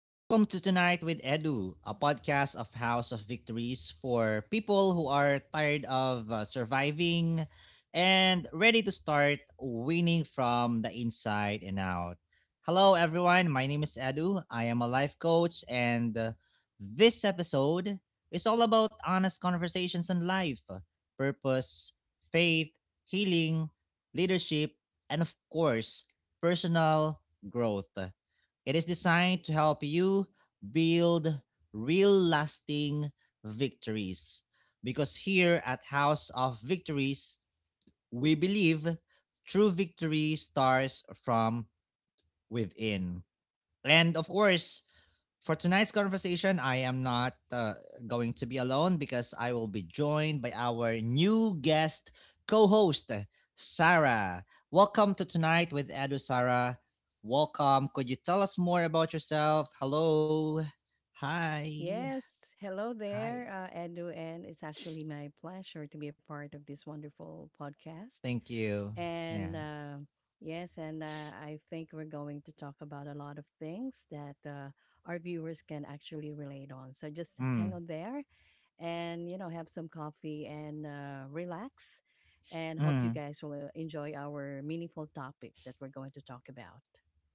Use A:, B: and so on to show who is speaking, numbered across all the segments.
A: Welcome to Tonight with Edu, a podcast of House of Victories for people who are tired of surviving and ready to start winning from the inside and out. Hello, everyone. My name is Edu. I am a life coach, and this episode is all about honest conversations on life, purpose, faith, healing, leadership, and of course, personal growth. It is designed to help you build real lasting victories. Because here at House of Victories, we believe true victory starts from within. And of course, for tonight's conversation, I am not going to be alone because I will be joined by our new guest co host, Sarah. Welcome to Tonight with Edu, Sarah. Welcome. Could you tell us more about yourself? Hello. Hi.
B: Yes, hello
A: Hi.
B: there, Edu, and it's actually my pleasure to be a part of this wonderful podcast.
A: Thank you. Yeah.
B: And yes, and I think we're going to talk about a lot of things that our viewers can actually relate on. So just hang
A: Mm.
B: on there and, you know, have some coffee and relax. And hope you
A: Mm.
B: guys will enjoy our meaningful topic that we're going to talk about.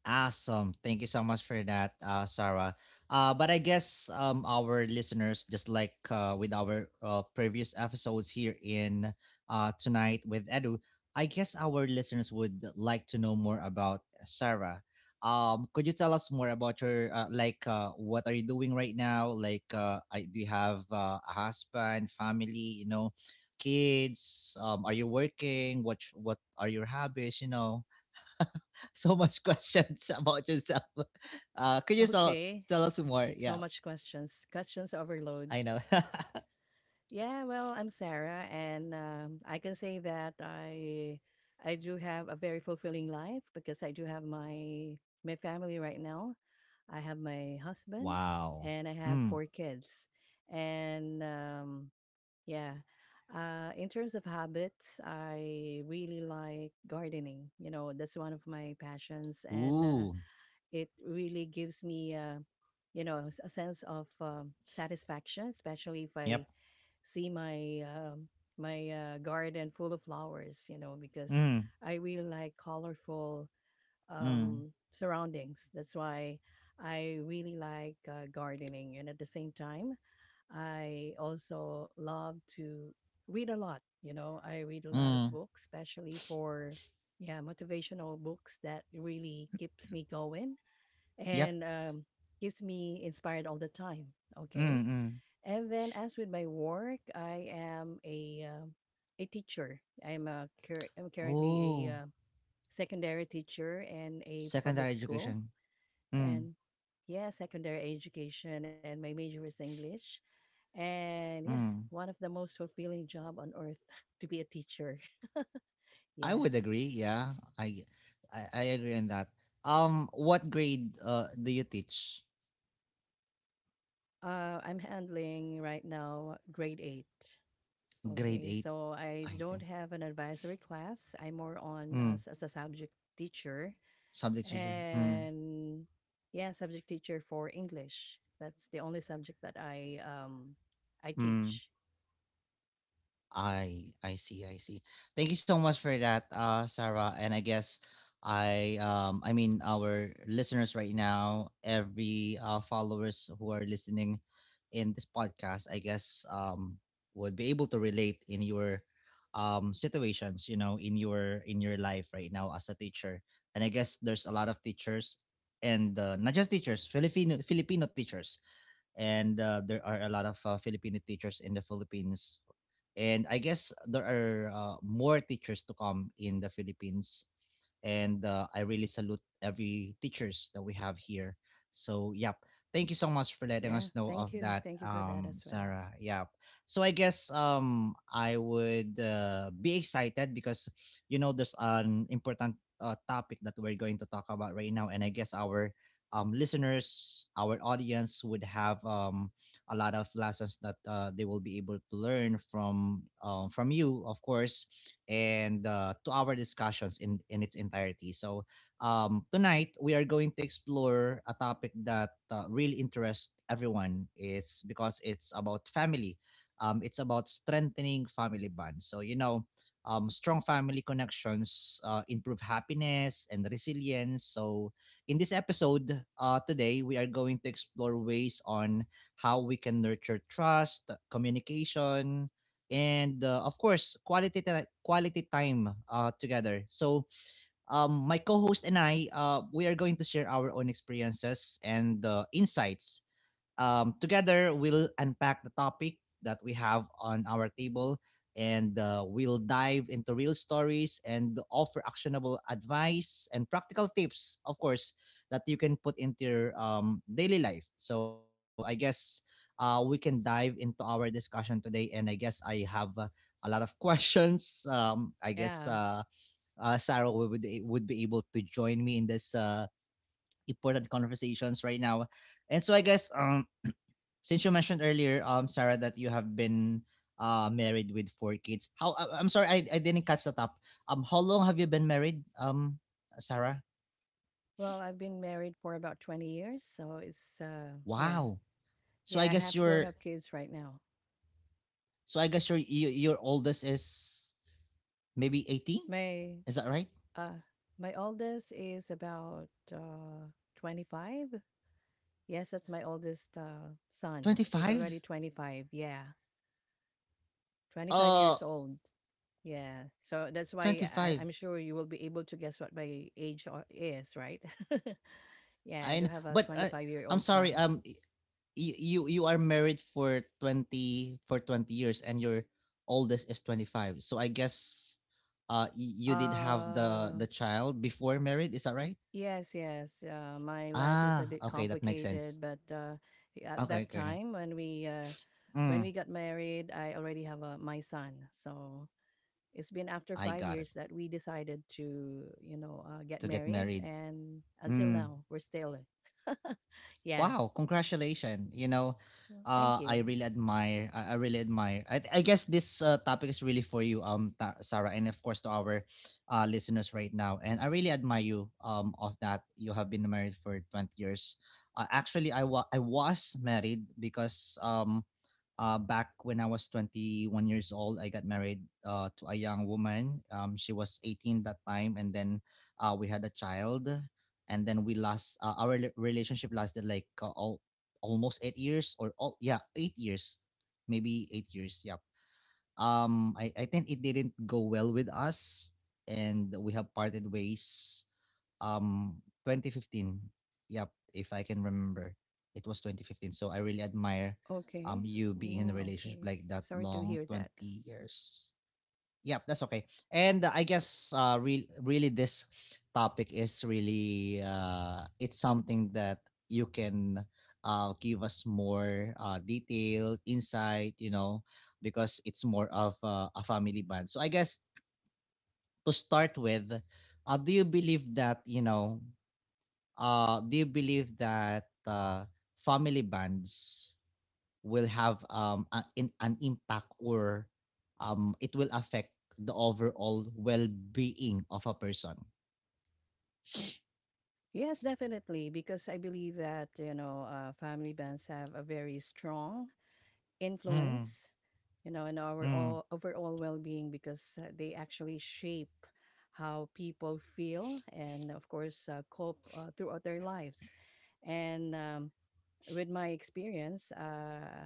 A: Awesome. Thank you so much for that, Sarah. But I guess our listeners, just like with our previous episodes here in Tonight with Edu, I guess our listeners would like to know more about Sarah. Could you tell us more about your, like, what are you doing right now? Like, do you have a husband, family, you know, kids? Are you working? What are your hobbies, you know? so much questions about yourself. Could you
B: Okay,
A: tell us more?
B: so
A: Yeah,
B: much questions, questions overload.
A: I know.
B: Yeah, well, I'm Sarah, and I can say that I do have a very fulfilling life because I do have my family right now. I have my husband,
A: Wow.
B: and I have
A: Mm.
B: 4 kids, and yeah. In terms of habits, I really like gardening. You know, that's one of my passions, and
A: Ooh.
B: it really gives me, you know, a sense of satisfaction, especially if I
A: Yep.
B: see my my garden full of flowers, you know, because
A: Mm.
B: I really like colorful
A: Mm.
B: surroundings. That's why I really like gardening, and at the same time, I also love to read a lot. You know, I read a lot of
A: Mm.
B: books, especially for yeah motivational books that really keeps me going
A: Yep.
B: and keeps me inspired all the time. Okay,
A: Mm. Mm.
B: and then as with my work, I am a teacher. I'm currently a
A: Ooh.
B: uh, secondary teacher in a
A: Secondary
B: public school
A: education. Mm.
B: and yeah, secondary education and my major is English. And yeah,
A: Mm.
B: one of the most fulfilling job on earth to be a teacher.
A: I
B: Yeah.
A: would agree. Yeah. I agree on that. What grade do you teach?
B: I'm handling right now grade 8.
A: Grade
B: Okay,
A: eight.
B: so I
A: I say.
B: don't have an advisory class. I'm more on
A: Mm.
B: as a subject teacher
A: Subject teacher. Mm.
B: and yeah, subject teacher for English. That's the only subject that I
A: Mm.
B: teach.
A: I see, I see. Thank you so much for that, Sarah. And I guess I mean our listeners right now, every followers who are listening in this podcast, I guess would be able to relate in your situations, you know, in your life right now as a teacher. And I guess there's a lot of teachers and not just teachers, Filipino teachers, and there are a lot of Filipino teachers in the Philippines, and I guess there are more teachers to come in the Philippines, and I really salute every teachers that we have here. So yep, thank you so much for letting us
B: Yeah,
A: know of
B: thank you
A: that,
B: thank you for that as well.
A: Sarah. Yep. So I guess I would be excited because you know there's an important topic that we're going to talk about right now, and I guess our listeners, our audience would have a lot of lessons that they will be able to learn from you, of course, and to our discussions in its entirety. So tonight we are going to explore a topic that really interests everyone, is because it's about family. It's about strengthening family bonds. So you know, strong family connections improve happiness and resilience. So in this episode today, we are going to explore ways on how we can nurture trust, communication, and of course quality time together. So my co-host and I we are going to share our own experiences and insights. Together, we'll unpack the topic that we have on our table, and we'll dive into real stories and offer actionable advice and practical tips, of course, that you can put into your daily life. So, I guess we can dive into our discussion today. And I guess I have a lot of questions. I guess
B: Yeah.
A: Sarah would would be able to join me in this important conversations right now. And so I guess since you mentioned earlier, Sarah, that you have been married with four kids. I'm sorry, I didn't catch that up. How long have you been married, Sarah?
B: Well, I've been married for about 20 years, so it's yeah,
A: Wow. So I
B: yeah, I
A: guess
B: have grown
A: your
B: up kids right now.
A: oldest is maybe 18.
B: my
A: Is that right?
B: uh my oldest is about 25. Yes, that's my oldest son. He's
A: 25?
B: already 25. Yeah, 25
A: Uh,
B: years old. Yeah. So that's why I,
A: 25.
B: I'm sure you will be able to guess what my age is, right? Yeah, I
A: I
B: do
A: kn-
B: have a
A: but
B: 25 year
A: I'm
B: old
A: sorry.
B: son.
A: You are married for 20 years and your oldest is 25, so I guess you did have the
B: Uh,
A: the child before married, is that right?
B: yes, yes. My life is a
A: Ah,
B: bit
A: okay, that makes sense.
B: complicated, but at
A: Okay,
B: that
A: okay.
B: time when
A: Mm.
B: we got married, I already have a, my son. So it's been after
A: I
B: five
A: got it.
B: years that we decided to, you know, get
A: To get
B: married,
A: married.
B: and until
A: Mm.
B: now we're still. Yeah.
A: Wow, congratulations. You know,
B: Well, thank
A: I
B: you.
A: really admire, I really admire. I guess this topic is really for you, Sarah, and of course to our listeners right now. And I really admire you of that you have been married for 20 years. Actually I was married because back when I was 21 years old, I got married to a young woman. She was 18 that time, and then we had a child, and then we last our relationship lasted like almost 8 years, or all yeah 8 years, maybe 8 years. Yep. I think it didn't go well with us, and we have parted ways, um 2015. Yep, if I can remember, it was 2015. So I really admire
B: Okay.
A: you being in a
B: Mm,
A: relationship
B: okay.
A: like that
B: Sorry to
A: long,
B: hear that.
A: 20 years. Yep, that's okay. And I guess really this topic is really it's something that you can give us more detail insight, you know, because it's more of a family band. So I guess to start with, do you believe that, you know, do you believe that family bands will have an impact, or it will affect the overall well-being of a person?
B: Yes, definitely, because I believe that, you know, family bands have a very strong
A: Mm.
B: influence, you know, in our
A: Mm.
B: all, overall well being because they actually shape how people feel and, of course, cope throughout their lives. And with my experience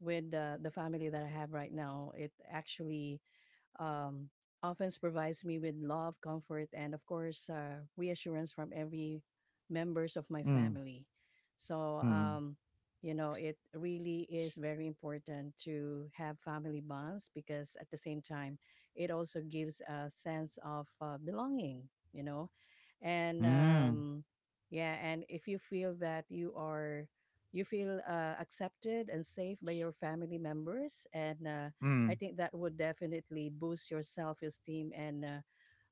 B: with the family that I have right now, it actually um, often provides me with love, comfort, and of course, reassurance from every members of my
A: Mm.
B: family. So,
A: Mm.
B: you know, it really is very important to have family bonds because at the same time, it also gives a sense of belonging, you know, and
A: Mm.
B: yeah, and if you feel that you feel accepted and safe by your family members and I
A: Mm.
B: think that would definitely boost your self esteem. And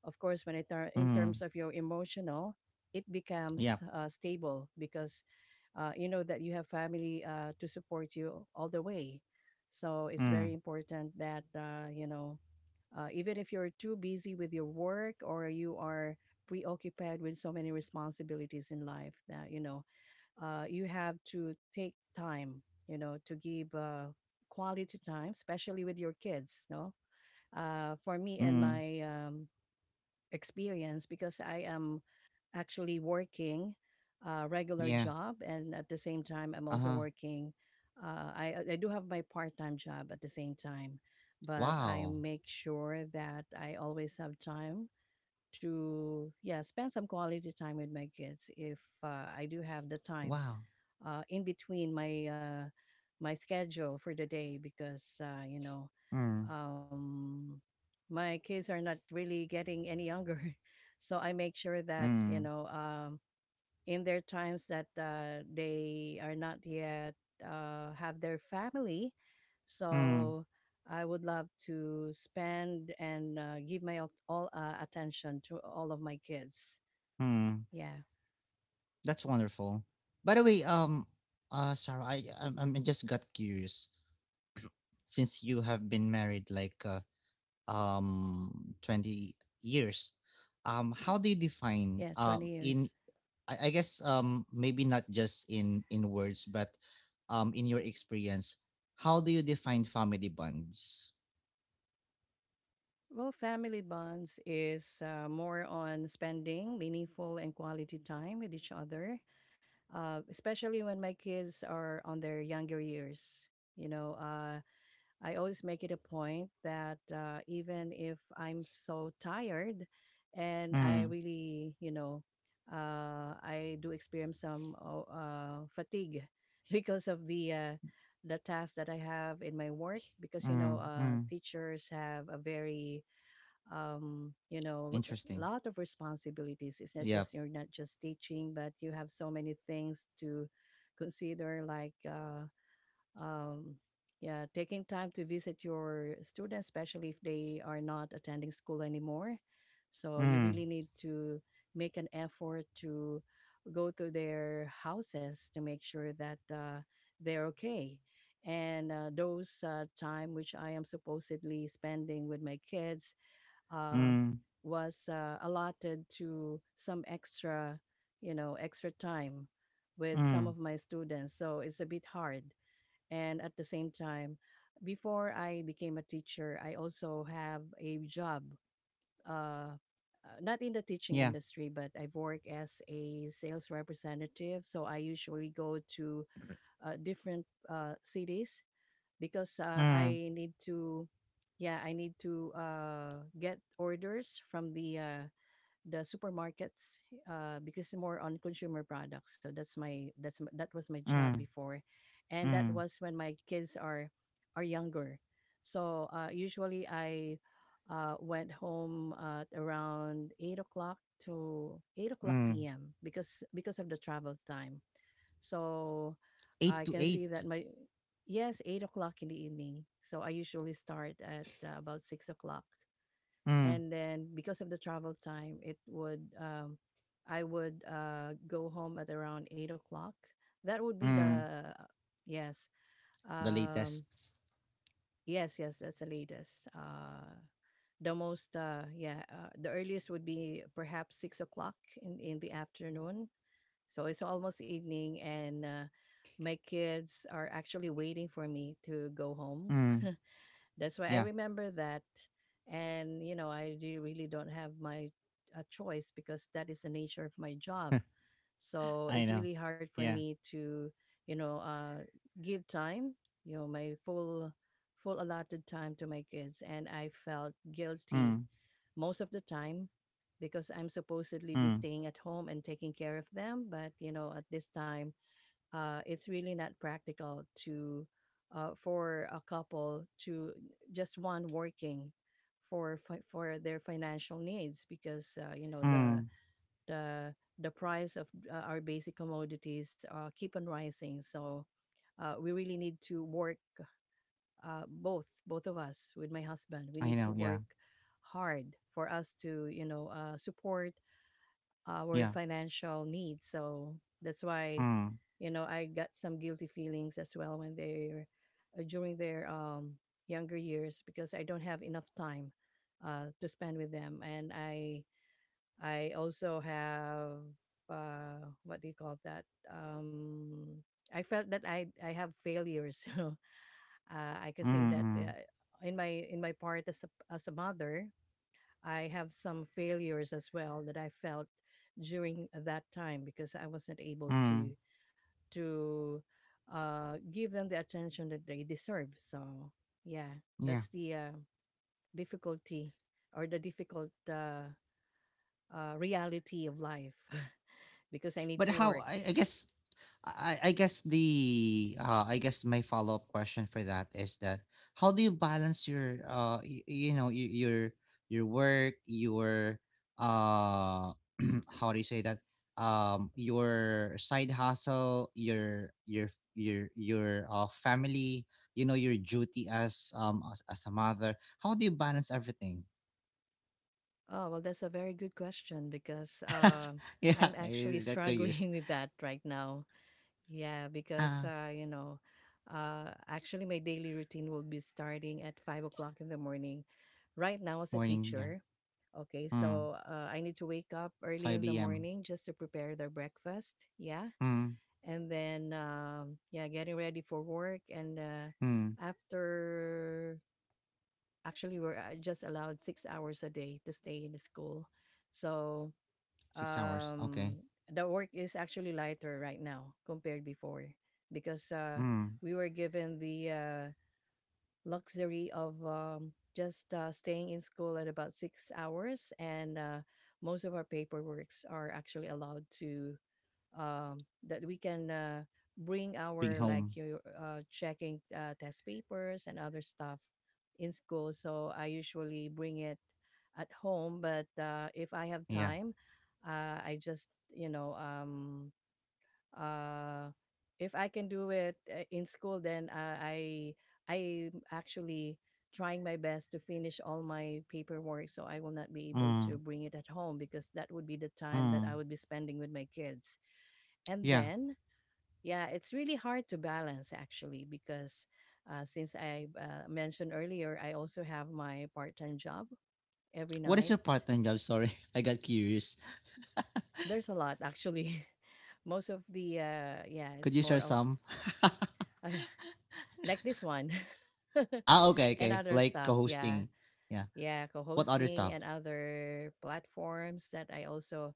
B: of course, when in
A: Mm.
B: terms of your emotional, it becomes
A: Yep.
B: stable because you know that you have family to support you all the way. So it's
A: Mm.
B: very important that, you know, even if you're too busy with your work or you are preoccupied with so many responsibilities in life, that, you know, you have to take time, you know, to give quality time, especially with your kids. No, for me
A: Mm.
B: and my experience, because I am actually working a regular
A: Yeah.
B: job, and at the same time, I'm
A: Uh-huh.
B: also working. I do have my part time job at the same time, but I
A: Wow.
B: make sure that I always have time to yeah spend some quality time with my kids if I do have the time
A: Wow.
B: in between my my schedule for the day because you know
A: Mm.
B: um, my kids are not really getting any younger, so I make sure that you
A: Mm.
B: know in their times that they are not yet have their family,
A: Mm.
B: so. I would love to spend and give my all attention to all of my kids.
A: Mm.
B: Yeah,
A: That's wonderful. By the way, Sarah, I'm just got curious. Since you have been married like um 20 years, how do you define
B: yeah, twenty
A: in
B: years.
A: I guess maybe not just in words but in your experience, how do you define family bonds?
B: Well, family bonds is more on spending meaningful and quality time with each other, especially when my kids are on their younger years. You know, I always make it a point that even if I'm so tired and I
A: Mm.
B: really, you know, I do experience some fatigue because of the tasks that I have in my work because you know
A: Mm. Mm.
B: teachers have a very you know, a
A: Interesting.
B: lot of responsibilities. It's not
A: Yeah.
B: just you're not just teaching, but you have so many things to consider, like um, yeah, taking time to visit your students, especially if they are not attending school anymore. So you
A: Mm.
B: really need to make an effort to go to their houses to make sure that they're okay. And those time which I am supposedly spending with my kids, uh,
A: Mm.
B: was allotted to some extra, you know, extra time with some
A: Mm.
B: of my students. So it's a bit hard. And at the same time, before I became a teacher, I also have a job, uh, not in the teaching
A: Yeah.
B: industry, but I work as a sales representative. So I usually go to different cities because
A: Mm.
B: I need to, yeah, I need to get orders from the supermarkets because more on consumer products. So that was my job
A: Mm.
B: before, and that
A: Mm.
B: was when my kids are younger. So usually I went home at around 8 o'clock to 8 o'clock
A: Mm.
B: p.m. Because of the travel time. So
A: 8
B: I
A: to
B: can see that
A: 8.
B: my yes, 8 o'clock in the evening. So I usually start at about 6 o'clock,
A: Mm.
B: and then because of the travel time, it would I would go home at around 8 o'clock. That would be
A: Mm.
B: the yes,
A: The
B: um,
A: latest.
B: yes, yes. That's the latest. The earliest would be perhaps 6 o'clock in the afternoon, so it's almost evening, and my kids are actually waiting for me to go home.
A: Mm.
B: That's why I
A: Yeah.
B: remember that. And, you know, I do really don't have my a choice because that is the nature of my job. So
A: I
B: it's
A: know.
B: really hard for
A: Yeah.
B: me to, you know, give time, you know, my full allotted time to my kids, and I felt
A: Mm.
B: guilty most of the time because I'm supposedly be
A: Mm.
B: staying at home and taking care of them. But you know, at this time, it's really not practical to for a couple to just one working for for their financial needs because you know the
A: Mm.
B: the the price of our basic commodities keep on rising. So we really need to work both of us with my husband, we
A: I
B: need to
A: know, yeah,
B: work hard for us to you know support our
A: yeah.
B: financial needs, so that's why
A: Mm.
B: you know I got some guilty feelings as well when they're during their younger years, because I don't have enough time to spend with them, and I also have what do you call that I felt that I have failures you know, I can say
A: Mm.
B: that
A: Mm.
B: in my part as a mother, I have some failures as well that I felt during that time because I wasn't able
A: Mm.
B: to to give them the attention that they deserve. So yeah,
A: Yeah.
B: that's the difficulty or the difficult reality of life because I need
A: But
B: to
A: how
B: work.
A: I guess, I guess the, I guess my follow up question for that is that, how do you balance your you, you know, your work, your uh how do you say that, your side hustle, your your family, you know, your duty as a mother? How do you balance everything?
B: Oh well, that's a very good question because
A: Yeah,
B: I'm actually
A: I- that could use.
B: struggling with that right now. Yeah, because
A: Ah,
B: you know, actually, my daily routine will be starting at 5 o'clock in the morning. Right now, as a
A: morning, yeah.
B: teacher, okay,
A: Mm.
B: so I need to wake up early in the
A: 5 a.m.
B: morning just to prepare the breakfast. Yeah,
A: Mm.
B: and then yeah, getting ready for work, and
A: Mm.
B: after actually, we're just allowed 6 hours a day to stay in the school, so
A: 6 hours, okay.
B: um the work is actually lighter right now compared before because
A: Mm,
B: we were given the luxury of just staying in school at about 6 hours, and most of our paperworks are actually allowed to that we can bring
A: big
B: our like
A: home.
B: you checking test papers and other stuff in school. So I usually bring it at home, but if I have
A: Yeah.
B: time, I just you know uh, if I can do it in school, then I'm actually trying my best to finish all my paperwork so I will not be able
A: Mm.
B: to bring it at home because that would be the time that
A: Mm.
B: I would be spending with my kids. And
A: Yeah.
B: then, yeah, it's really hard to balance actually because since I mentioned earlier, I also have my part time job every
A: What is
B: night.
A: your part-time job? Sorry, I got curious.
B: There's a lot actually. Most of the, yeah,
A: Could
B: it's
A: you share
B: more of
A: some?
B: uh, like this one
A: Ah, okay,
B: and
A: okay.
B: other
A: Like
B: stuff. Yeah.
A: co-hosting. Yeah.
B: Yeah,
A: What other
B: co-hosting
A: stuff?
B: and other platforms that I also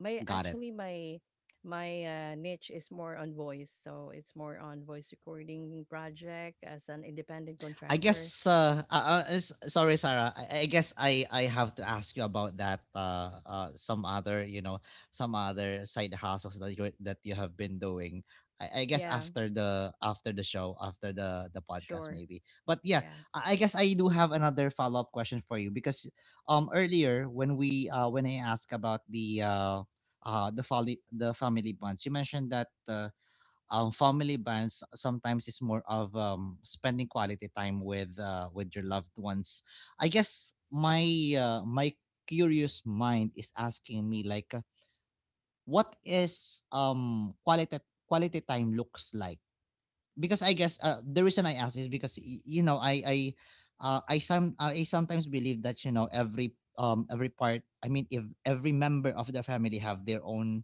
B: my
A: Got it.
B: actually my my niche is more on voice, so it's more on voice recording project as an independent
A: I
B: contractor.
A: guess sorry Sarah. I guess I have to ask you about that, some other, you know, some other side hustles that you have been doing. I guess
B: Yeah,
A: after the, after the show, after the podcast
B: sure.
A: maybe. But yeah,
B: Yeah.
A: I guess I do have another follow-up question for you, because earlier when we when I asked about the family, the family bonds, you mentioned that family bonds sometimes is more of spending quality time with your loved ones. I guess my my curious mind is asking me like, what is quality time looks like? Because I guess the reason I ask is because you know I sometimes believe that, you know, every part I mean if every member of the family have their own,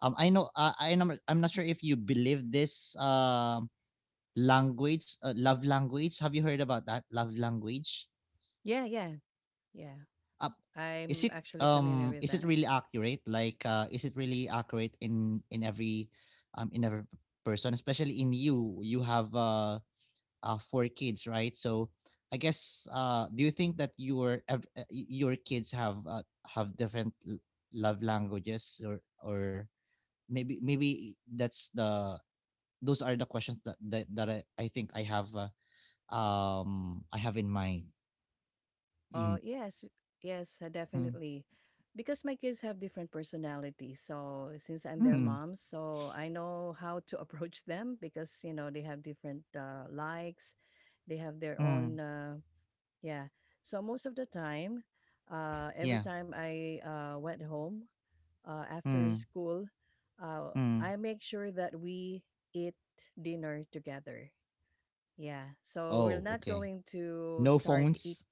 A: I know, I know I'm not sure if you believe this, language, love language. Have you heard about that? Love language.
B: Yeah, yeah. Yeah.
A: Up,
B: I'm actually familiar with
A: is it
B: that.
A: really accurate? Like, is it really accurate in every in every person, especially in you? You have four kids, right? So, I guess do you think that your your kids have different love languages, or maybe, maybe that's the, those are the questions that that, I think I have. I have in mind.
B: Oh,
A: Mm.
B: yes. Yes,
A: Mm.
B: definitely. Because my kids have different personalities. So, since I'm their
A: Mm.
B: mom, so I know how to approach them because, you know, they have different likes, they have their own,
A: Mm.
B: yeah. So, most of the time, every
A: Yeah.
B: time I went home after
A: Mm.
B: school, uh,
A: Mm.
B: I make sure that we eat dinner together. Yeah. So, we're
A: Oh,
B: not
A: okay.
B: going to
A: No
B: start eating,
A: phones.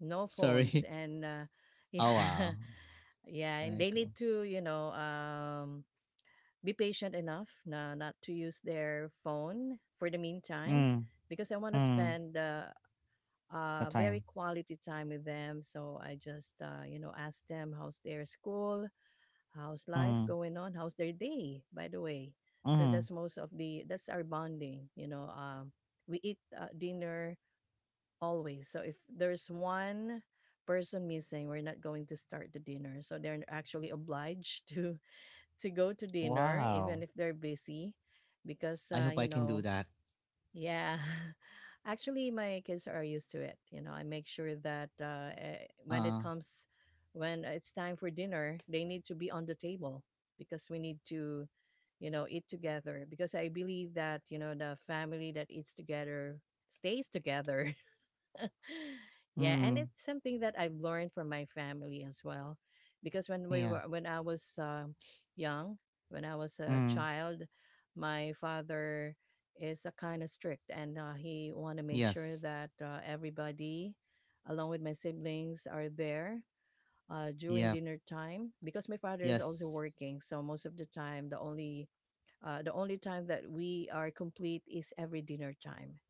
B: no phones,
A: Sorry.
B: and
A: Oh wow.
B: yeah yeah, and they
A: Cool.
B: need to, you know, be patient enough na not to use their phone for the meantime
A: Mm.
B: because I want to
A: Mm.
B: spend
A: The
B: uh, very
A: time.
B: quality time with them. So I just, you know, ask them how's their school, how's life
A: Mm.
B: going on, how's their day by the way. So
A: Mm.
B: that's most of the that's our bonding, you know. We eat dinner always. So if there's one person missing, we're not going to start the dinner. So they're actually obliged to to go to dinner even
A: Wow.
B: if they're busy because
A: I hope
B: you
A: I can do
B: know,
A: that.
B: yeah. Actually, my kids are used to it. You know, I make sure that
A: Uh.
B: when it's time for dinner, they need to be on the table because we need to, you know, eat together, because I believe that, you know, the family that eats together stays together. Yeah, and
A: Mm,
B: it's something that I've learned from my family as well, because when we
A: yeah.
B: were when I was young, when I was a
A: Mm,
B: child, my father is a kind of strict, and he want to make sure
A: yes.
B: that everybody, along with my siblings, are there. During
A: Yep.
B: dinner time, because my father is also
A: Yes.
B: working, so most of the time the only time that we are complete is every dinner time.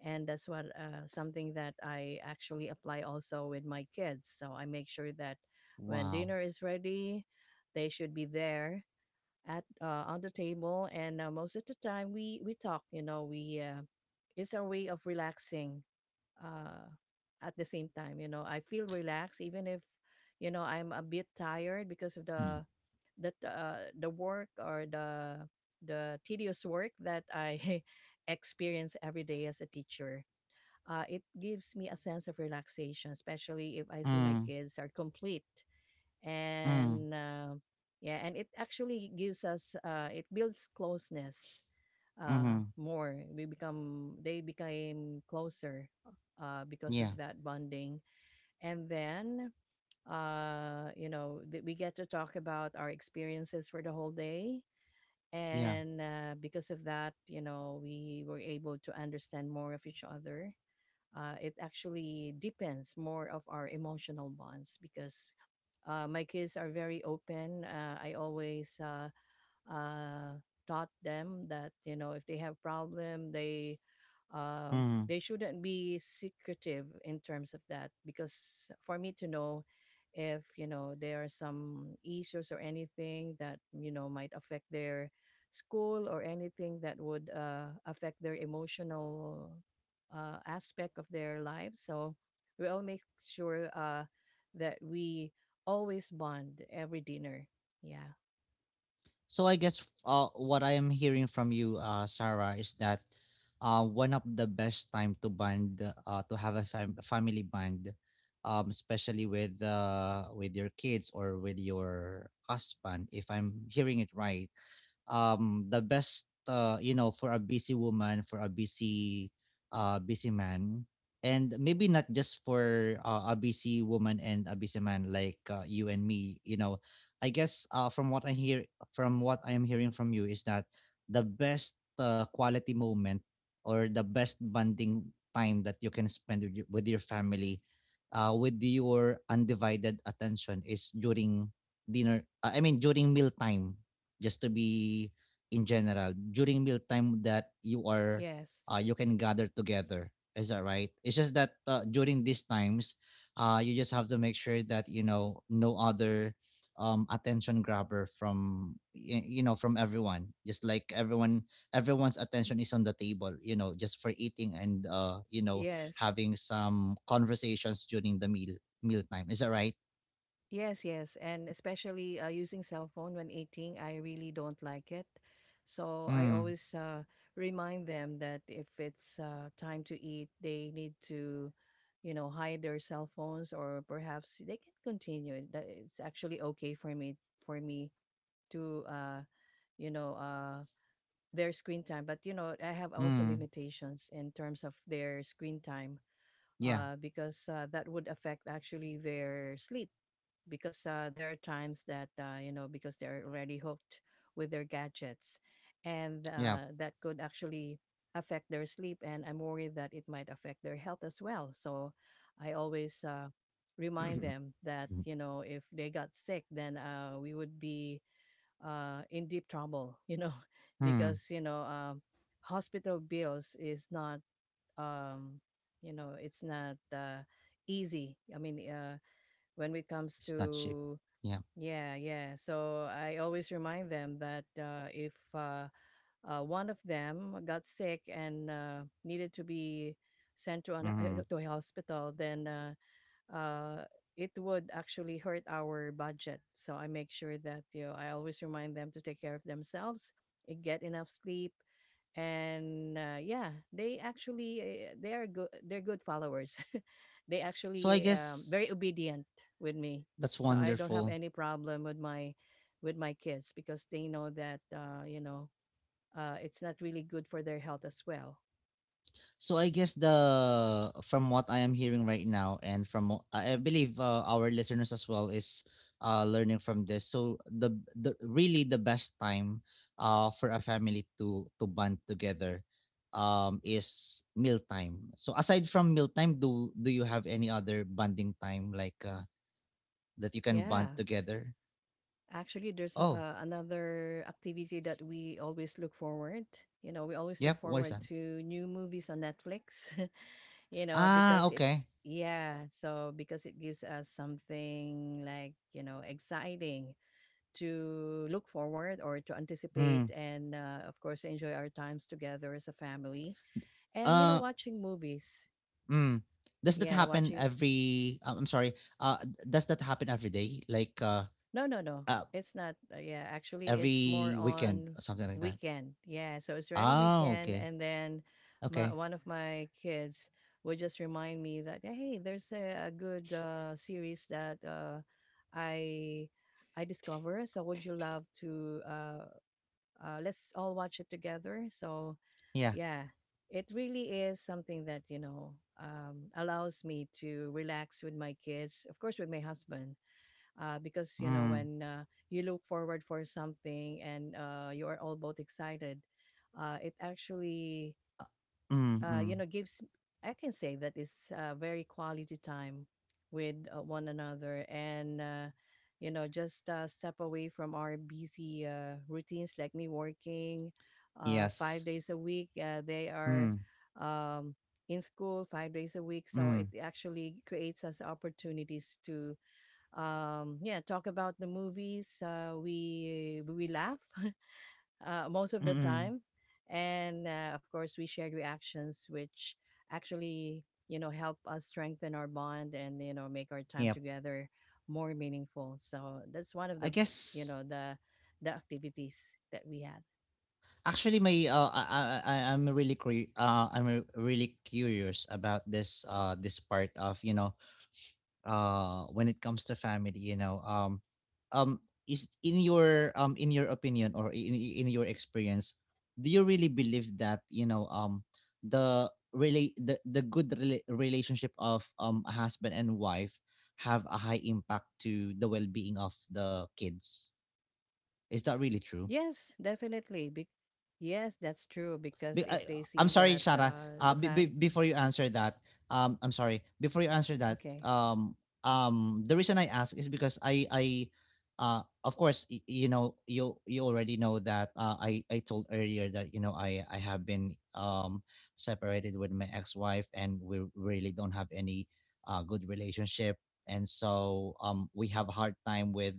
B: And that's what something that I actually apply also with my kids, so I make sure that when
A: Wow.
B: dinner is ready they should be there at on the table. And most of the time we talk, you know, we it's our way of relaxing, uh, at the same time, you know, I feel relaxed even if, you know, I'm a bit tired because of
A: Mm.
B: the work, or the tedious work that I experience every day as a teacher. Uh, it gives me a sense of relaxation, especially if I see my kids are complete.
A: Mm.
B: And yeah, and it actually gives us, it builds closeness
A: Mm-hmm.
B: more. They became closer because
A: Yeah.
B: of that bonding. And then, you know, we get to talk about our experiences for the whole day.
A: Yeah.
B: And because of that, you know, we were able to understand more of each other. Uh, it actually depends more of our emotional bonds because my kids are very open. I always uh, taught them that, you know, if they have problem,
A: Mm.
B: they shouldn't be secretive in terms of that, because for me to know if, you know, there are some issues or anything that, you know, might affect their school, or anything that would affect their emotional aspect of their lives. So we all make sure that we always bond every dinner. Yeah.
A: So I guess what I am hearing from you, Sarah, is that one of the best time to bond, to have a family bond, especially with your kids or with your husband, if I'm hearing it right, the best for a busy woman, for a busy man, and maybe not just for a busy woman and a busy man like you and me. I guess from what I am hearing from you is that the best quality moment or the best bonding time that you can spend with your family, with your undivided attention is during dinner, I mean during meal time, just to be in general during mealtime that you are
B: Yes.
A: you can gather together. Is that right? It's just that during these times, you just have to make sure that you know no other attention grabber from from everyone. Just like everyone's attention is on the table, you know, just for eating, and
B: Yes.
A: having some conversations during the meal time. Is that right?
B: Yes, yes. And especially using cell phone when eating, I really don't like it. So I
A: mm,
B: always remind them that if it's time to eat, they need to, you know, hide their cell phones, or perhaps they can continue it. That It's actually okay for me for me to, you know, uh, their screen time. But you know, I have also
A: mm,
B: limitations in terms of their screen time
A: yeah,
B: because that would affect actually their sleep, because there are times that, you know, because they're already hooked with their gadgets, and
A: yeah.
B: that could actually affect their sleep, and I'm worried that it might affect their health as well. So I always remind them that, you know, if they got sick, then we would be in deep trouble, you know.
A: Hmm.
B: Because, you know, hospital bills is not um, you know, it's not easy, I mean, when it comes
A: It's not cheap.
B: to,
A: Yeah.
B: yeah, yeah. So I always remind them that if one of them got sick and needed to be sent to an
A: Hmm.
B: to a hospital, then uh, it would actually hurt our budget. So I make sure that, you know, I always remind them to take care of themselves, eh, get enough sleep, and yeah, they actually they're good followers. They
A: So I
B: actually,
A: guess
B: very obedient with me,
A: that's
B: so I don't have
A: wonderful.
B: any problem with my kids, because they know that, you know, it's not really good for their health as well.
A: So I guess the, from what I am hearing right now, and from I believe our listeners as well is learning from this. So the really the best time for a family to bond together, is mealtime. So aside from mealtime, do you have any other bonding time like that you can
B: Yeah.
A: bond together?
B: Actually, there's
A: Oh,
B: another activity that we always look forward. You know, we always look
A: yep. What is
B: forward
A: that?
B: to new movies on Netflix. You know,
A: Ah,
B: because it,
A: okay.
B: yeah, so because it gives us something like, you know, exciting to look forward or to anticipate, and of course enjoy our times together as a family. And you know,
A: Uh,
B: watching movies.
A: mm. Does that
B: Yeah,
A: happen
B: watching.
A: every? I'm sorry. Uh, does that happen every day? Like
B: No, no, no.
A: uh,
B: It's not. Yeah, actually, it's more
A: every weekend
B: on
A: or something like that?
B: weekend. Yeah, so it's already
A: Ah,
B: weekend,
A: okay,
B: and then my,
A: okay,
B: one of my kids would just remind me that, hey, there's a good series that I I discover. So would you love to? Let's all watch it together. So
A: yeah.
B: yeah, it really is something that, you know, allows me to relax with my kids. Of course, with my husband because, you know,
A: Mm.
B: when you look forward for something, and you are all both excited, it actually,
A: Uh, mm. Mm.
B: gives, I can say that it's very quality time with one another. And you know, just step away from our busy routines, like me working five
A: Yes.
B: days a week, they are,
A: Mm.
B: um, in school 5 days a week, so
A: Mm.
B: it actually creates us opportunities to yeah talk about the movies. We laugh most of
A: Mm.
B: the
A: Mm.
B: time, and of course we shared reactions, which actually, you know, help us strengthen our bond, and you know, make our time
A: Yep.
B: together more meaningful. So that's one of
A: I
B: the, you
A: guess
B: know the the activities that we had.
A: actually, my I I'm really really curious about this part of, you know, when it comes to family, you know. Um is in your opinion or in your experience, do you really believe that, you know, the really the good relationship of a husband and wife have a high impact to the well-being of the kids? Is that really true?
B: Yes, definitely. Yes, that's true, because if
A: I,
B: they
A: I'm
B: see
A: sorry,
B: that
A: Sarah.
B: the fam
A: Before you answer that, I'm sorry. Before you answer that,
B: okay.
A: the reason I ask is because of course, you know, you already know that I told earlier that, you know, I have been separated with my ex-wife, and we really don't have any good relationship. And so we have a hard time with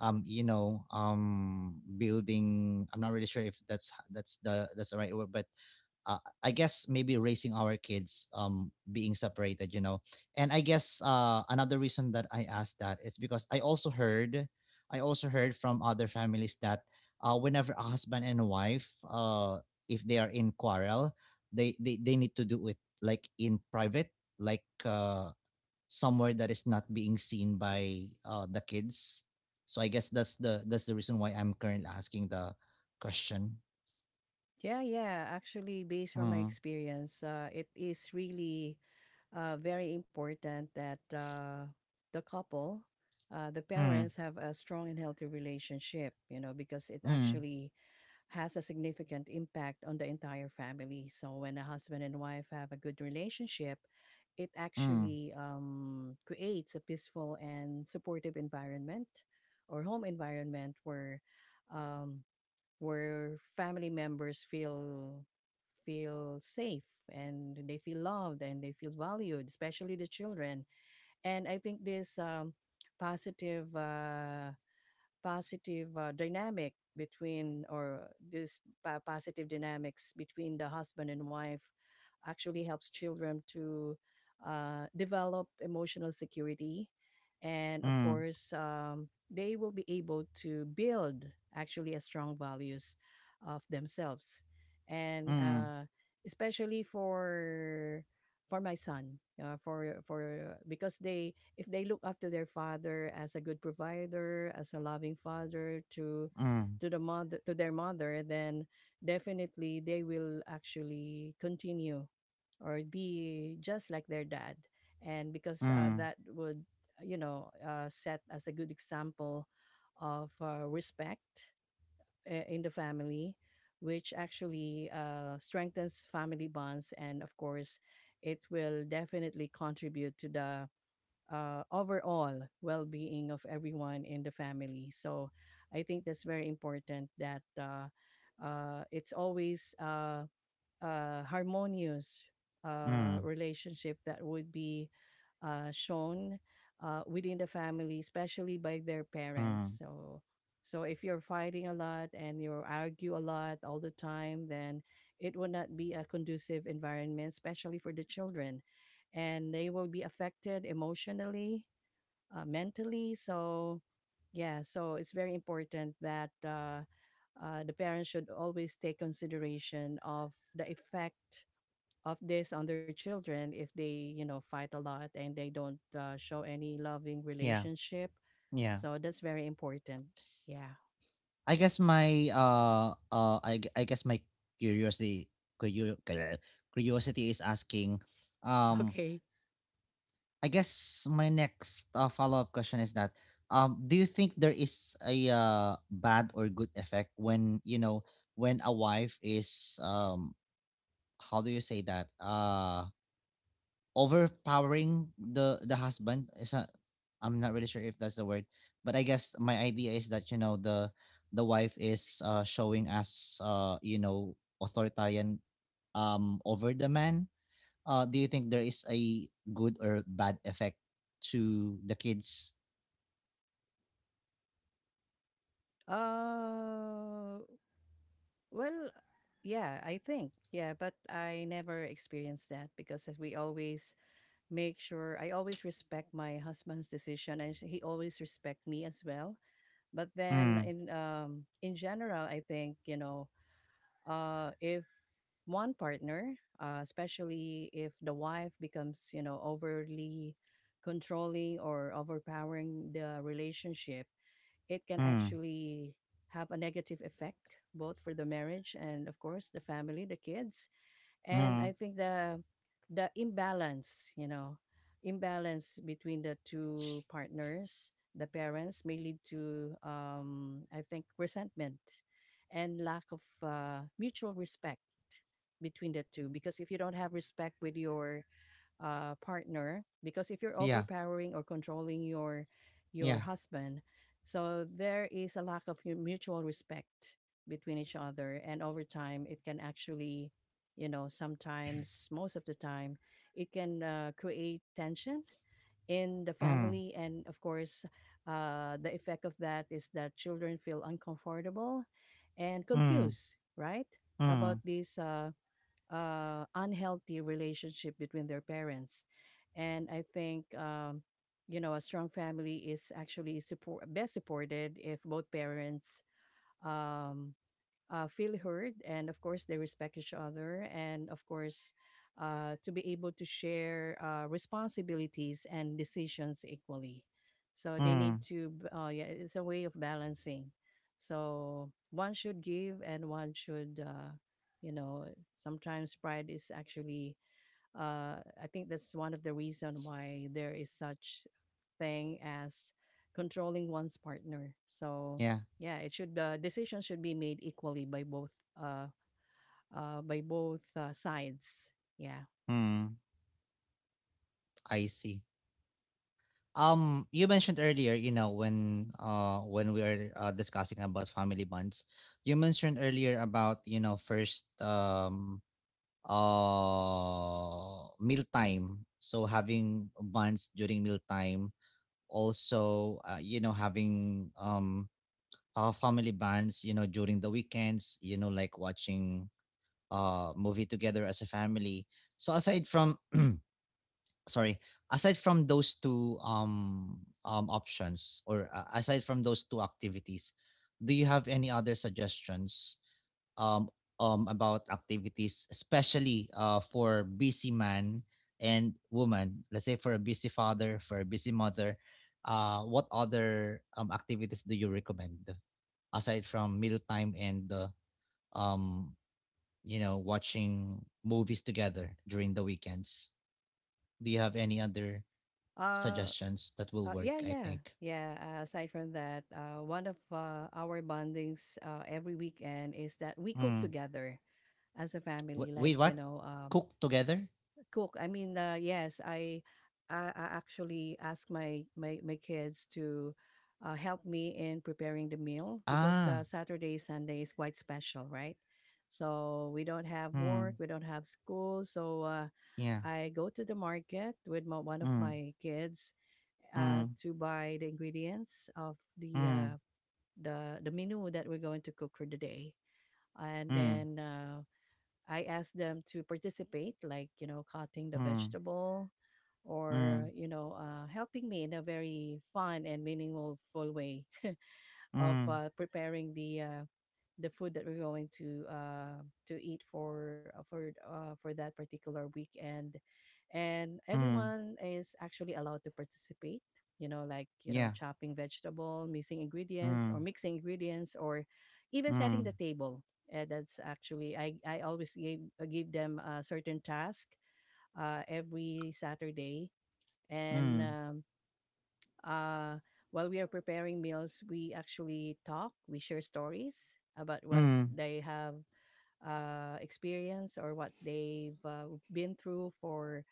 A: you know, building, I'm not really sure if that's the right word, but I guess maybe raising our kids being separated, you know. And I guess another reason that I asked that is because I also heard from other families that whenever a husband and wife if they are in quarrel, they need to do it like in private, like somewhere that is not being seen by the kids. So I guess that's the reason why I'm currently asking the question.
B: Yeah, yeah. Actually, based from my
A: Mm,
B: experience, it is really very important that the couple, the
A: mm,
B: parents, have a strong and healthy relationship, you know, because it
A: mm,
B: actually has a significant impact on the entire family. So when a husband and wife have a good relationship, it
A: mm.
B: actually, creates a peaceful and supportive environment, or home environment, where um, family members feel feel safe, and they feel loved, and they feel valued, especially the children. And I think this, positive uh, positive dynamic between, or this positive dynamics between the husband and wife, actually helps children to develop emotional security, and of
A: Mm,
B: course, they will be able to build actually a strong values of themselves. And
A: mm,
B: especially for my son, for because they, if they look after their father as a good provider, as a loving father
A: mm,
B: to the mother to their mother, then definitely they will actually continue or be just like their dad. And because
A: mm,
B: that would set as a good example of respect in the family, which actually strengthens family bonds, and of course it will definitely contribute to the overall well-being of everyone in the family. So I think that's very important that it's always harmonious
A: mm,
B: relationship that would be shown within the family, especially by their parents.
A: mm.
B: So if you're fighting a lot and you argue a lot all the time, then it will not be a conducive environment, especially for the children, and they will be affected emotionally, mentally. So, yeah, so it's very important that. The parents should always take consideration of the effect of this on their children if they fight a lot and they don't show any loving
A: Yeah,
B: relationship,
A: yeah.
B: so that's very important, yeah.
A: I guess I guess my curiosity curio- cu- curiosity is asking, um
B: Okay.
A: I guess my next follow-up question is that, do you think there is a bad or good effect when, you know, when a wife is how do you say that, overpowering the husband is a, I'm not really sure if that's the word, but I guess my idea is that, you know, the wife is showing us authoritarian, over the man. Do you think there is a good or bad effect to the kids?
B: uh well, yeah, I think, yeah, but I never experienced that, because as we always make sure, I always respect my husband's decision, and he always respect me as well. But then,
A: Mm,
B: in general, I think, you know, if one partner, especially if the wife becomes, you know, overly controlling or overpowering the relationship, it can
A: mm,
B: actually have a negative effect, both for the marriage and of course the family, the kids. And
A: mm.
B: I think the imbalance, you know, imbalance between the two partners, the parents, may lead to, um, I think, resentment and lack of mutual respect between the two. Because if you don't have respect with your partner, because if you're
A: Yeah,
B: overpowering or controlling your
A: yeah.
B: husband, so there is a lack of mutual respect between each other, and over time it can actually, you know, sometimes, most of the time, it can create tension in the
A: Mm,
B: family, and of course the effect of that is that children feel uncomfortable and
A: mm,
B: confused, right, about
A: mm,
B: this unhealthy relationship between their parents. And I think, you know, a strong family is actually best supported if both parents, um, feel heard, and of course they respect each other, and of course to be able to share responsibilities and decisions equally. So they need
A: mm.
B: to yeah, it's a way of balancing. So one should give and one should, you know sometimes pride is actually I think that's one of the reason why there is such thing as controlling one's partner. So
A: Yeah.
B: yeah, it should decisions should be made equally uh, by both sides. Yeah.
A: Mm. I see. You mentioned earlier, you know, when we are discussing about family bonds, you mentioned earlier about, you know, first, mealtime. So having bonds during mealtime, also you know, having family bonds, you know, during the weekends, you know, like watching movie together as a family. So sorry aside from those two options, or aside from those two activities, do you have any other suggestions, um about activities, especially for busy man and woman? Let's say for a busy father, for a busy mother, what other activities do you recommend aside from mealtime and, um you know, watching movies together during the weekends? Do you have any other
B: Uh,
A: suggestions that will
B: uh,
A: work,
B: yeah,
A: I
B: yeah,
A: think.
B: yeah. Aside from that, one of our bondings every weekend is that we cook
A: Mm.
B: together as a family. Like,
A: Wait,
B: you
A: what?
B: know,
A: Cook together?
B: cook. I mean, yes, I actually ask my kids to help me in preparing the meal, because
A: Ah,
B: Saturday Sunday is quite special, right? So we don't have work,
A: mm.
B: we don't have school, so
A: Yeah.
B: I go to the market with my, one of
A: Mm.
B: my kids,
A: Mm.
B: to buy the ingredients of the uh,
A: Mm.
B: the the menu that we're going to cook for the day, and
A: Mm.
B: then I asked them to participate, like, you know, cutting the
A: Mm.
B: vegetable
A: Mm.
B: or, you know, helping me in a very fun and meaningful way of
A: Mm.
B: preparing the food that we're going to eat for for that particular weekend, and
A: Mm.
B: everyone is actually allowed to participate. You know, like, you know,
A: Yeah.
B: chopping vegetable,
A: Mm.
B: mixing ingredients, or even setting
A: Mm.
B: the table. That's actually I always gave give them a certain task every Saturday, and
A: Mm.
B: uh, while we are preparing meals, we actually talk, we share stories about what
A: Mm.
B: they have experienced or what they've been through for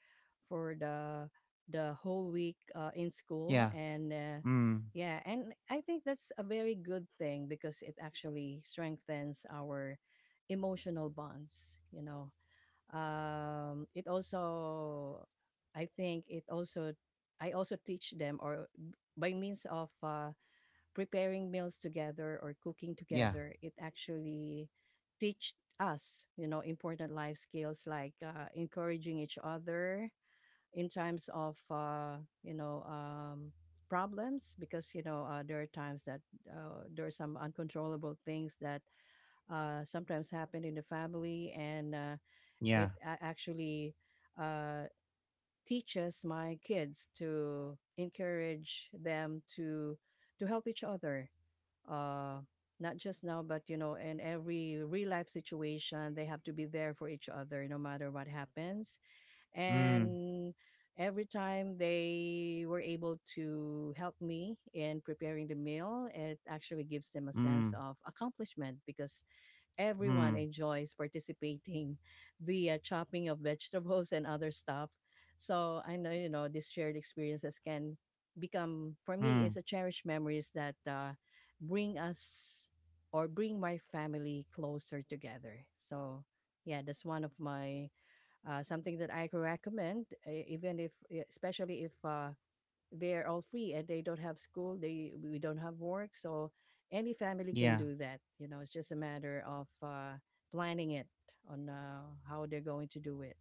B: for the the whole week in school.
A: Yeah.
B: And
A: Mm.
B: yeah, and I think that's a very good thing because it actually strengthens our emotional bonds, you know. It also, I think, it also, I also teach them, or by means of preparing meals together or cooking
A: Yeah.
B: together, it actually teach us, you know, important life skills like encouraging each other in times of you know um, problems. Because, you know, there are times that there are some uncontrollable things that sometimes happen in the family, and
A: Yeah.
B: actually uh, teaches my kids to encourage them to help each other, uh, not just now, but you know, in every real life situation they have to be there for each other no matter what happens.
A: Mm.
B: And every time they were able to help me in preparing the meal, it actually gives them a
A: Mm.
B: sense of accomplishment, because everyone
A: Mm.
B: enjoys participating via chopping of vegetables and other stuff. So I know, you know, these shared experiences can become, for me,
A: Mm.
B: is a cherished memories that bring us, or bring my family closer together. So yeah, that's one of my something that I can recommend, even if especially if they're all free and they don't have school, they we don't have work, so any family can
A: Yeah.
B: do that. You know, it's just a matter of planning it on how they're going to do it.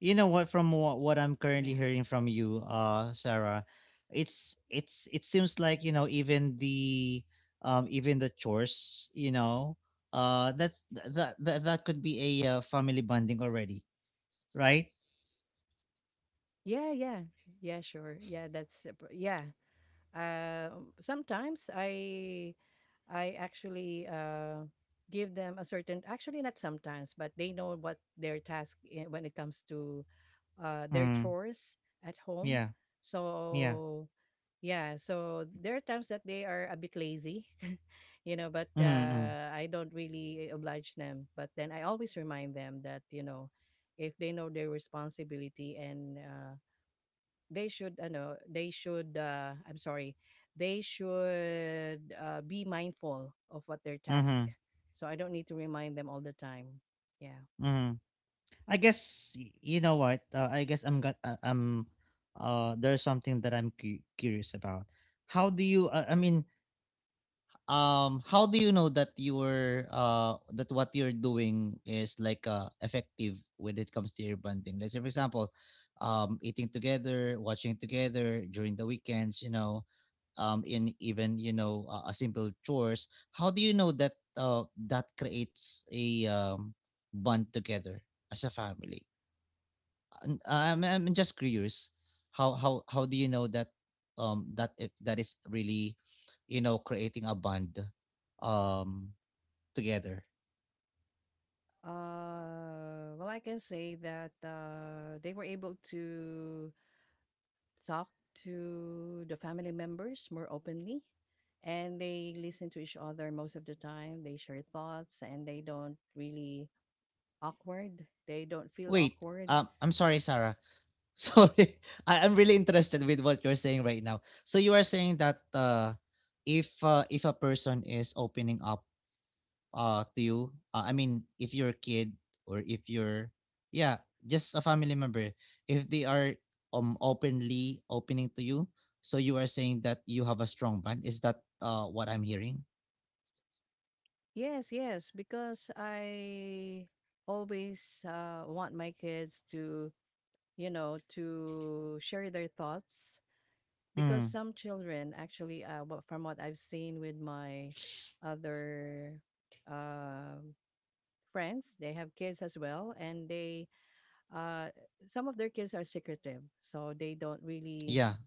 A: You know what, from what I'm currently
B: yeah
A: hearing from you, Sarah, it seems like, you know, even the chores, you know, that's that could be a family bonding already, right?
B: yeah yeah yeah sure yeah Yeah. uh, Sometimes I actually give them a certain, actually not sometimes, but they know what their task when it comes to their
A: Mm,
B: chores at home.
A: yeah, yeah.
B: So yeah, so there are times that they are a bit lazy, you know, but
A: Mm-hmm,
B: I don't really oblige them. But then I always remind them that, you know, if they know their responsibility, and they should, I know, they should. I'm sorry, they should be mindful of what their task.
A: mm-hmm,
B: So I don't need to remind them all the time. Yeah.
A: mm-hmm. I guess you know what, I guess I'm got there's something that I'm curious about. How do you I mean, how do you know that you're that what you're doing is like effective when it comes to your bonding? Let's say for example, eating together, watching together during the weekends, you know, in even, you know, a simple chores, how do you know that that creates a bond together as a family? I'm just curious. How do you know that that it, that is really, you know, creating a bond, um together?
B: Well, I can say that they were able to talk to the family members more openly, and they listen to each other most of the time. They share thoughts, and they don't really awkward. They don't feel
A: Wait,
B: awkward.
A: I'm sorry, Sarah. Sorry. I, I'm really interested with what you're saying right now. So you are saying that if a person is opening up to you, I mean, if you're a kid, or if you're, yeah, just a family member, if they are openly opening to you, so you are saying that you have a strong bond. Is that what I'm hearing?
B: Yes, yes, because I always want my kids to, you know, to share their thoughts. Because
A: Mm.
B: some children actually, from what I've seen with my other um friends, they have kids as well, and they, uh, some of their kids are secretive, so they don't really,
A: Yeah,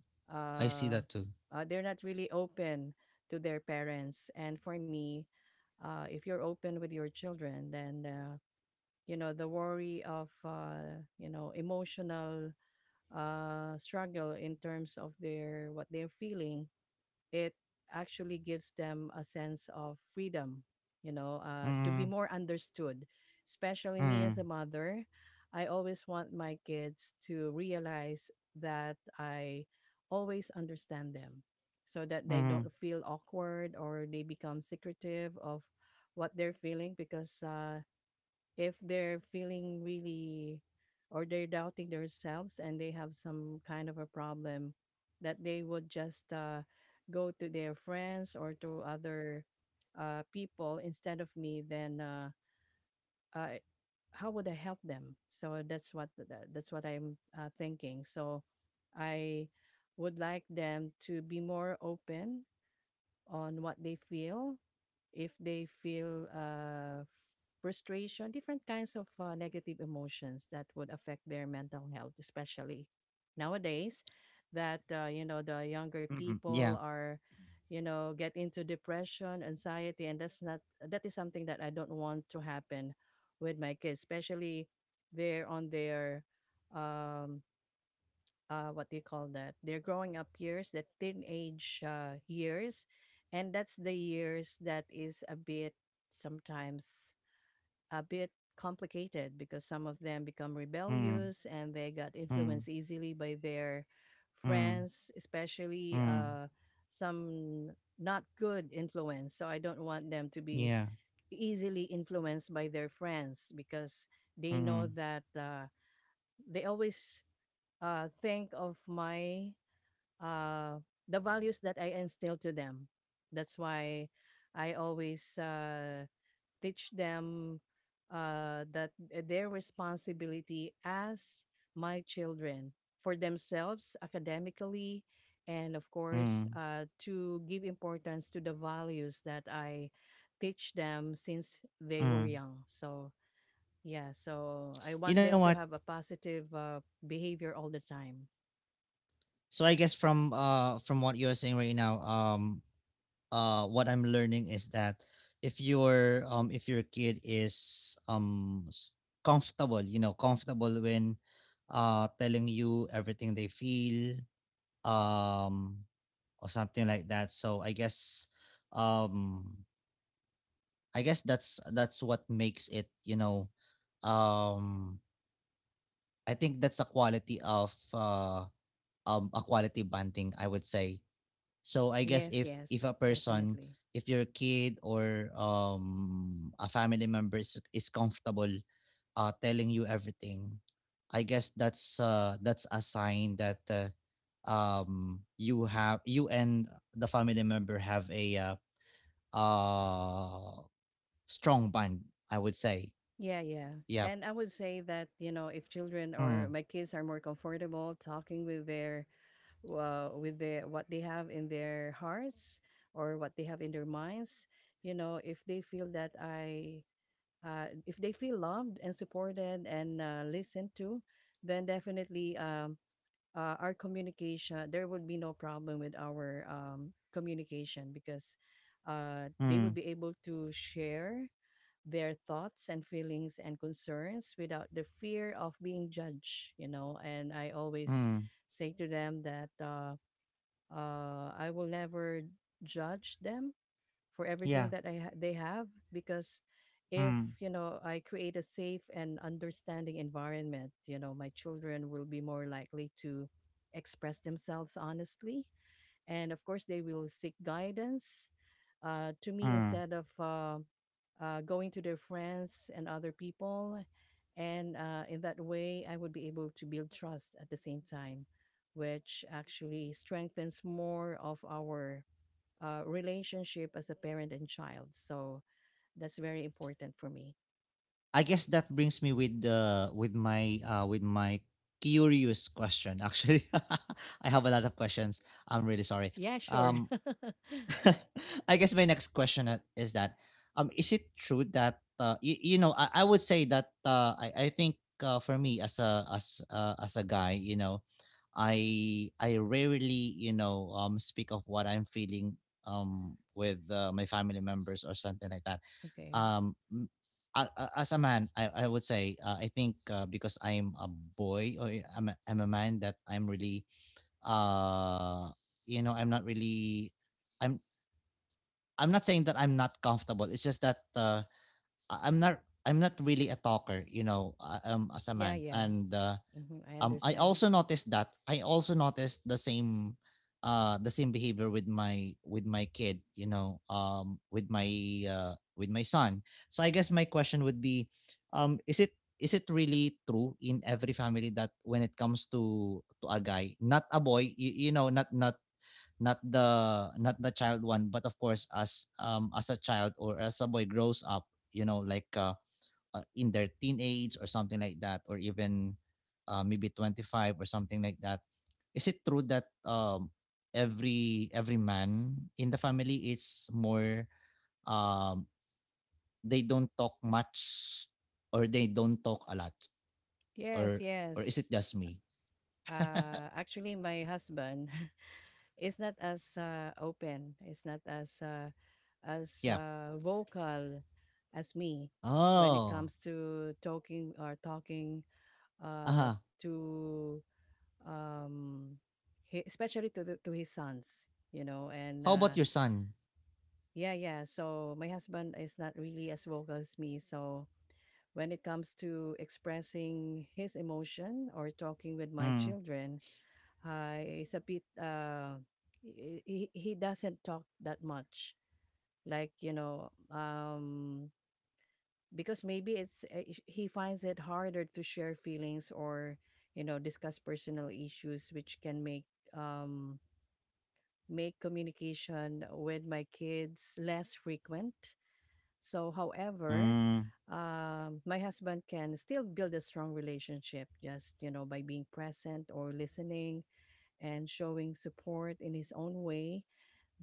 A: I see
B: uh,
A: that too.
B: they're not really open to their parents. And for me, if you're open with your children, then the worry of emotional struggle in terms of their what they're feeling, it actually gives them a sense of freedom, to be
A: Mm.
B: more understood. Especially me as a
A: Mm.
B: mother, I always want my kids to realize that I always understand them, so that they
A: Mm.
B: don't feel awkward or they become secretive of what they're feeling. Because if they're feeling really, or they're doubting themselves, and they have some kind of a problem, that they would just go to their friends or to other people instead of me, then uh, how would I help them? So that's what that's what I'm thinking. So I would like them to be more open on what they feel, if they feel frustration, different kinds of negative emotions that would affect their mental health, especially nowadays, that, you know, the younger
A: Mhm.
B: people
A: Yeah.
B: are, you know, get into depression, anxiety, and that's not, that is something that I don't want to happen with my kids, especially they're on their, um, what do you call that, their growing up years, that teenage years. And that's the years that is a bit sometimes a bit complicated, because some of them become
A: Mm.
B: rebellious and they got
A: Mm.
B: influenced easily by their
A: Mm.
B: friends, especially
A: Mm.
B: some not good influence. So I don't want them to be
A: Yeah.
B: easily influenced by their friends, because they know
A: Mm.
B: that they always think of my uh, the values that I instill to them. That's why I always teach them that their responsibility as my children, for themselves academically, and of course
A: Mm.
B: to give importance to the values that I teach them since they were
A: Mm.
B: young. So yeah, so I
A: You
B: want
A: know
B: them to
A: what?
B: have a positive behavior all the time.
A: So I guess from what you're saying right now, what I'm learning is that if your kid is comfortable, you know, comfortable when telling you everything they feel, um or something like that. So I guess, um I guess that's what makes it, you know, um I think that's a quality of a quality bonding, I would say. So I guess
B: Yes, yes,
A: if a person,
B: definitely.
A: if your kid or a family member is comfortable telling you everything, I guess that's a sign that, you have you and the family member have a, uh strong bond, I would say.
B: Yeah, yeah.
A: Yeah.
B: And I would say that, you know, if children or
A: Mm,
B: my kids are more comfortable talking with their what they have in their hearts or what they have in their minds, you know, if they feel that I if they feel loved and supported and listened to, then definitely our communication, there would be no problem with our communication because they
A: mm,
B: would be able to share their thoughts and feelings and concerns without the fear of being judged, you know. And I always
A: mm,
B: say to them that I will never judge them for
A: yeah.
B: everything that they have because if
A: Mm,
B: you know I create a safe and understanding environment, you know, my children will be more likely to express themselves honestly, and of course they will seek guidance to me
A: mm.
B: instead of going to their friends and other people. And in that way, I would be able to build trust at the same time, which actually strengthens more of our relationship as a parent and child. So that's very important for me.
A: I guess that brings me with the with my curious question. Actually, I have a lot of questions. I'm really sorry.
B: Yeah, sure.
A: Um, I guess my next question is that, is it true that you, you know, I would say that I think for me as a as a guy, you know, I rarely, you know, speak of what I'm feeling, with my family members or something like that.
B: Okay.
A: Um, m- as a man, I would say I think because I'm a boy or I'm a man, that I'm really uh I'm not really, I'm I'm not saying that I'm not comfortable. It's just that I'm not, I'm not really a talker, you know, as a
B: Yeah,
A: man.
B: yeah.
A: And.
B: Hmm, I
A: I
B: understand.
A: also noticed that i also noticed the same behavior with my kid, with my son. So I guess my question would be, is it really true in every family that when it comes to a guy, not a boy, not the child one, but of course, as a child or as a boy grows up, in their teenage or something like that, or even maybe 25 or something like that. Is it true that, every man in the family is more, um, they don't talk much, or they don't talk a lot,
B: Yes,
A: or or is
B: yes.
A: it just me?
B: Actually, my husband it's not as open. It's not as
A: Yeah.
B: vocal as me when it
A: Oh.
B: comes to talking or talking uh,
A: Uh-huh.
B: to um, hi especially to to his sons, you know. And
A: How about your son?
B: yeah, yeah. So my husband is not really as vocal as me. So when it comes to expressing his emotion or talking with my
A: Mm.
B: children, it's a bit he doesn't talk that much like, you know, because maybe he finds it harder to share feelings or, you know, discuss personal issues which can make um make communication with my kids less frequent. So however,
A: Mm.
B: my husband can still build a strong relationship just, you know, by being present or listening and showing support in his own way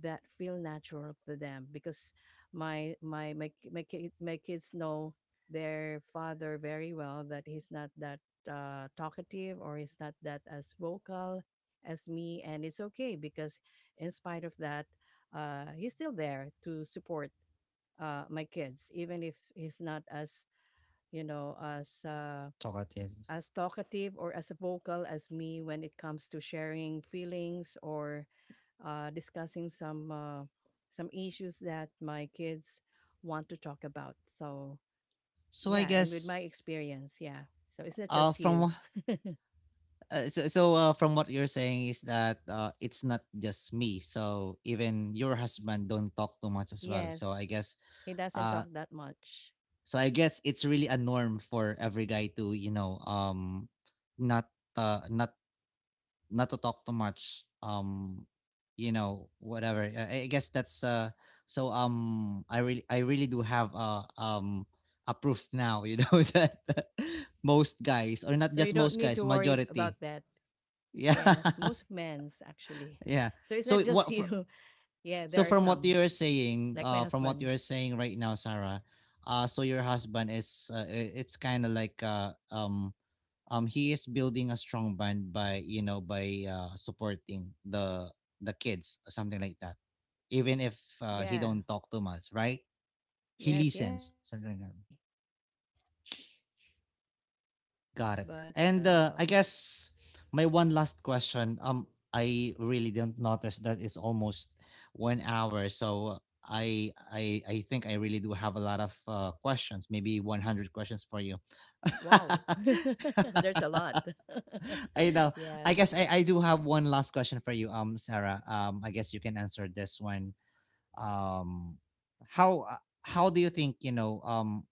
B: that feel natural to them because my kids know their father very well, that he's not that talkative or he's not that as vocal as me, and it's okay because in spite of that, he's still there to support my kids even if he's not as, you know,
A: Talkative.
B: as talkative or as vocal as me when it comes to sharing feelings or discussing some issues that my kids want to talk about. So
A: So I
B: yeah, and with my
A: guess
B: experience, yeah. So it's not just you.
A: from so so from what you're saying is that, it's not just me. So even your husband don't talk too much as well. So I
B: Yes,
A: guess
B: he doesn't talk
A: uh
B: that much,
A: it's really a norm for every guy to, not uh not not to talk too much. Whatever. I guess that's I really do have a proof now, that most guys, or not
B: so you
A: just
B: don't
A: most
B: need
A: guys,
B: to worry
A: majority.
B: about that.
A: Yeah.
B: Yes, most men's actually.
A: Yeah.
B: So it's
A: So
B: not just
A: what fr-
B: you. Yeah,
A: so
B: there are
A: from what
B: some
A: you're saying,
B: like my husband.
A: right now, Sarah, so your husband is, it's kind of like, he is building a strong bond by, by supporting the kids or something like that. Even if he
B: Yeah.
A: don't talk too much, right? He
B: Yes,
A: listens,
B: yes,
A: something like that.
B: definitely.
A: Got it.
B: But
A: And I guess my one last question. I really didn't notice that it's almost 1 hour. So I think I really do have a lot of questions. Maybe 100 questions for you.
B: wow, there's a lot.
A: I know. I
B: Yeah.
A: guess I do have one last question for you, Sarah. I guess you can answer this one. Um, how do you think,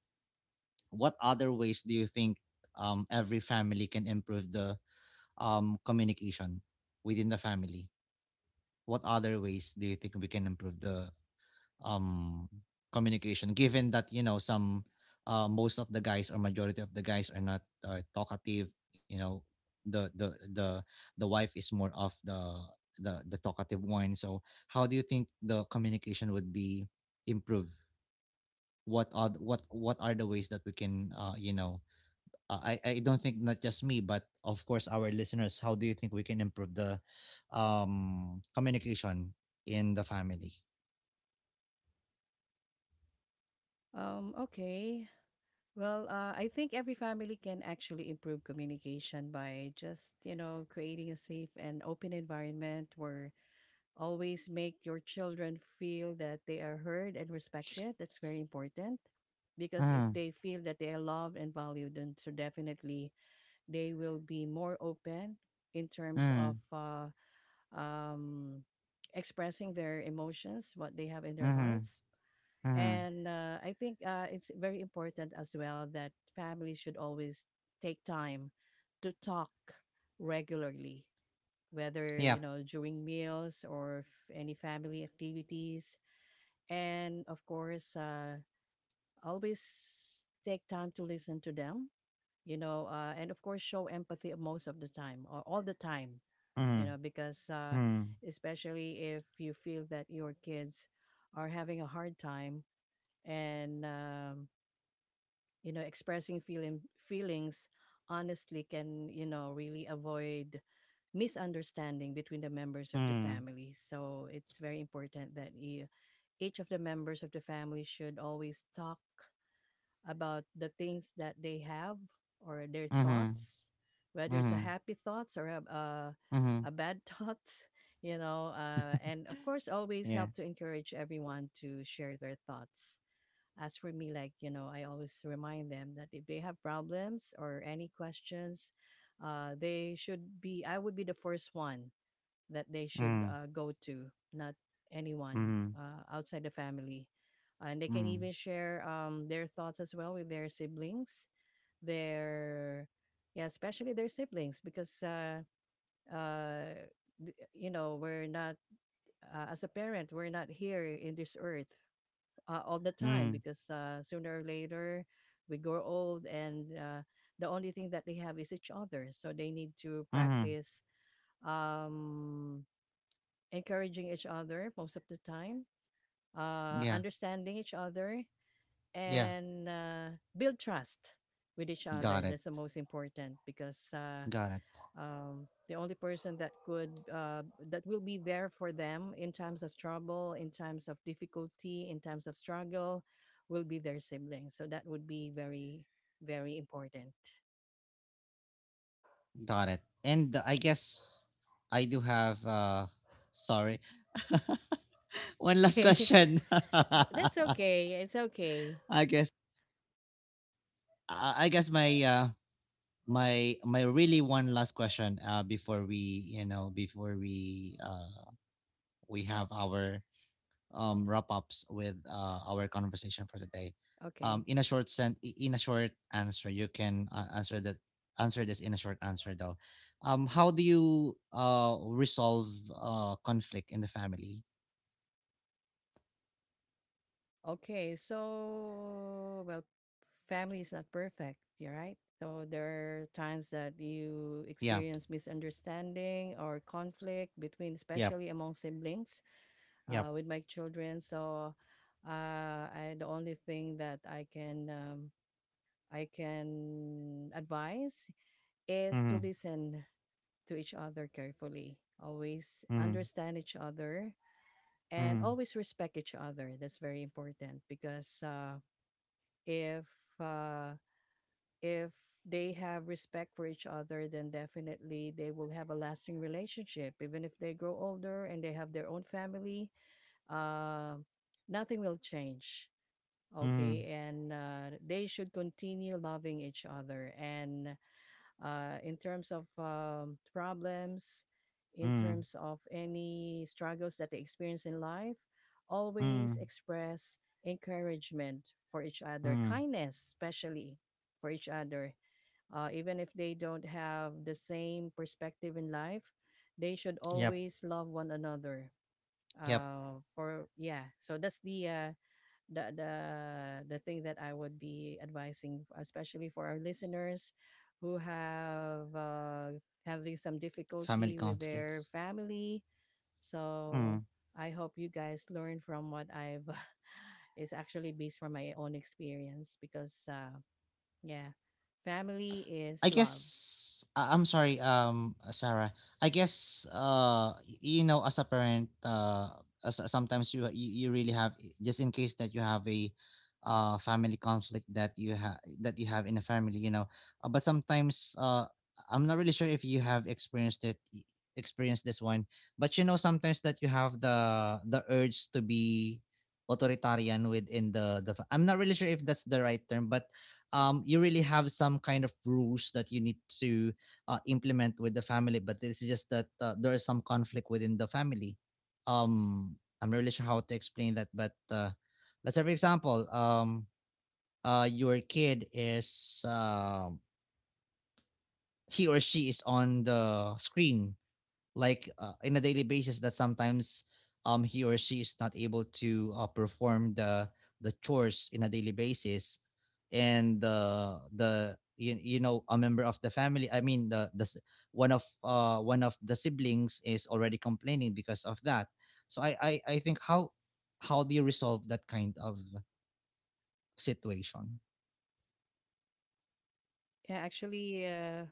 A: what other ways do you think every family can improve the, communication within the family? What other ways do you think we can improve the, um, communication, given that, some, most of the guys or majority of the guys are not talkative. The the wife is more of the talkative one. So how do you think the communication would be improved? What are the ways that we can, I don't think not just me, but of course our listeners. How do you think we can improve the communication in the family?
B: Um, okay. Well, I think every family can actually improve communication by just, you know, creating a safe and open environment where always make your children feel that they are heard and respected. That's very important because if
A: Mm,
B: they feel that they are loved and valued, then so definitely they will be more open in terms of
A: mm,
B: um, expressing their emotions, what they have in their
A: mm,
B: hearts.
A: mm.
B: And I think it's very important as well that families should always take time to talk regularly, whether, you
A: Yep.
B: know, during meals or any family activities. And of course, always take time to listen to them, you know, and of course, show empathy most of the time or all the time, you
A: Mm,
B: know, because
A: mm,
B: especially if you feel that your kids are having a hard time and, you know, expressing feelings honestly can, you know, really avoid misunderstanding between the members of the
A: mm,
B: family. So it's very important that you, each of the members of the family, should always talk about the things that they have or their
A: mm,
B: thoughts, whether it's a
A: mm,
B: happy thoughts or
A: mm.
B: a bad thoughts, you know. And of course, always
A: Yeah.
B: help to encourage everyone to share their thoughts. As for me, like, you know, I always remind them that if they have problems or any questions, they should be. I would be the first one that they should
A: Mm,
B: go to, not anyone
A: mm,
B: outside the family. And they can
A: mm,
B: even share their thoughts as well with their siblings, their, yeah, especially their siblings, because, uh, you know, we're not, as a parent, we're not here in this earth all the time
A: mm,
B: because sooner or later we grow old and the only thing that they have is each other. So they need to
A: mm.
B: practice um encouraging each other most of the time,
A: Yeah.
B: understanding each other,
A: Yeah,
B: and build trust with each other.
A: got it,
B: That's the most important because
A: got it,
B: the only person that could that will be there for them in times of trouble, in times of difficulty, in times of struggle, will be their siblings. So that would be very very important.
A: got it. And I guess I do have, sorry. One last
B: Okay,
A: question.
B: that's okay. It's okay.
A: I guess uh, I guess my uh my really one last question before we you know before we have our wrap ups with our conversation for today.
B: Okay.
A: In a short answer you can, answer this in a short answer though. How do you resolve conflict in the family?
B: Okay, so well, family is not perfect, you're right. So there are times that you
A: Yeah.
B: experience misunderstanding or conflict between,
A: Yep.
B: especially among siblings,
A: Yep.
B: with my children. So uh, the only thing that I can advise is to
A: Mm-hmm.
B: listen to each other carefully. Always
A: Mm-hmm.
B: understand each other and always respect each other. That's very important because. If uh, if they have respect for each other, then definitely they will have a lasting relationship. Even if they grow older and they have their own family, uh, nothing will change.
A: Mm-hmm.
B: Okay, and they should continue loving each other. And in terms of problems, in
A: Mm-hmm.
B: terms of any struggles that they experience in life, always
A: Mm,
B: express encouragement for each other,
A: mm.
B: kindness, especially for each other. Even if they don't have the same perspective in life, they should
A: Yep,
B: always love one another.
A: yep.
B: For yeah, so that's the the the thing that I would be advising, especially for our listeners who have having some
A: Family
B: difficulty with their
A: conflicts.
B: family. So I hope you guys learn from what I've. It's actually based from my own experience because, yeah, family is
A: I guess
B: love.
A: I'm sorry, Sarah. I guess you know, as a parent, sometimes you really have, just in case that you have a family conflict that you have in a family, you know. But sometimes, I'm not really sure if you have experienced this one, but you know, sometimes that you have the urge to be authoritarian within the fa- I'm not really sure if that's the right term, but, you really have some kind of rules that you need to, implement with the family, but it's just that, there is some conflict within the family. Um, I'm not really sure how to explain that, but, let's say, for example, your kid is, he or she is on the screen, in a daily basis, that sometimes, he or she is not able to, perform the chores in a daily basis, and, you know, a member of the family, I mean, one of the siblings is already complaining because of that. So I think how do you resolve that kind of situation?
B: Yeah, actually, uh,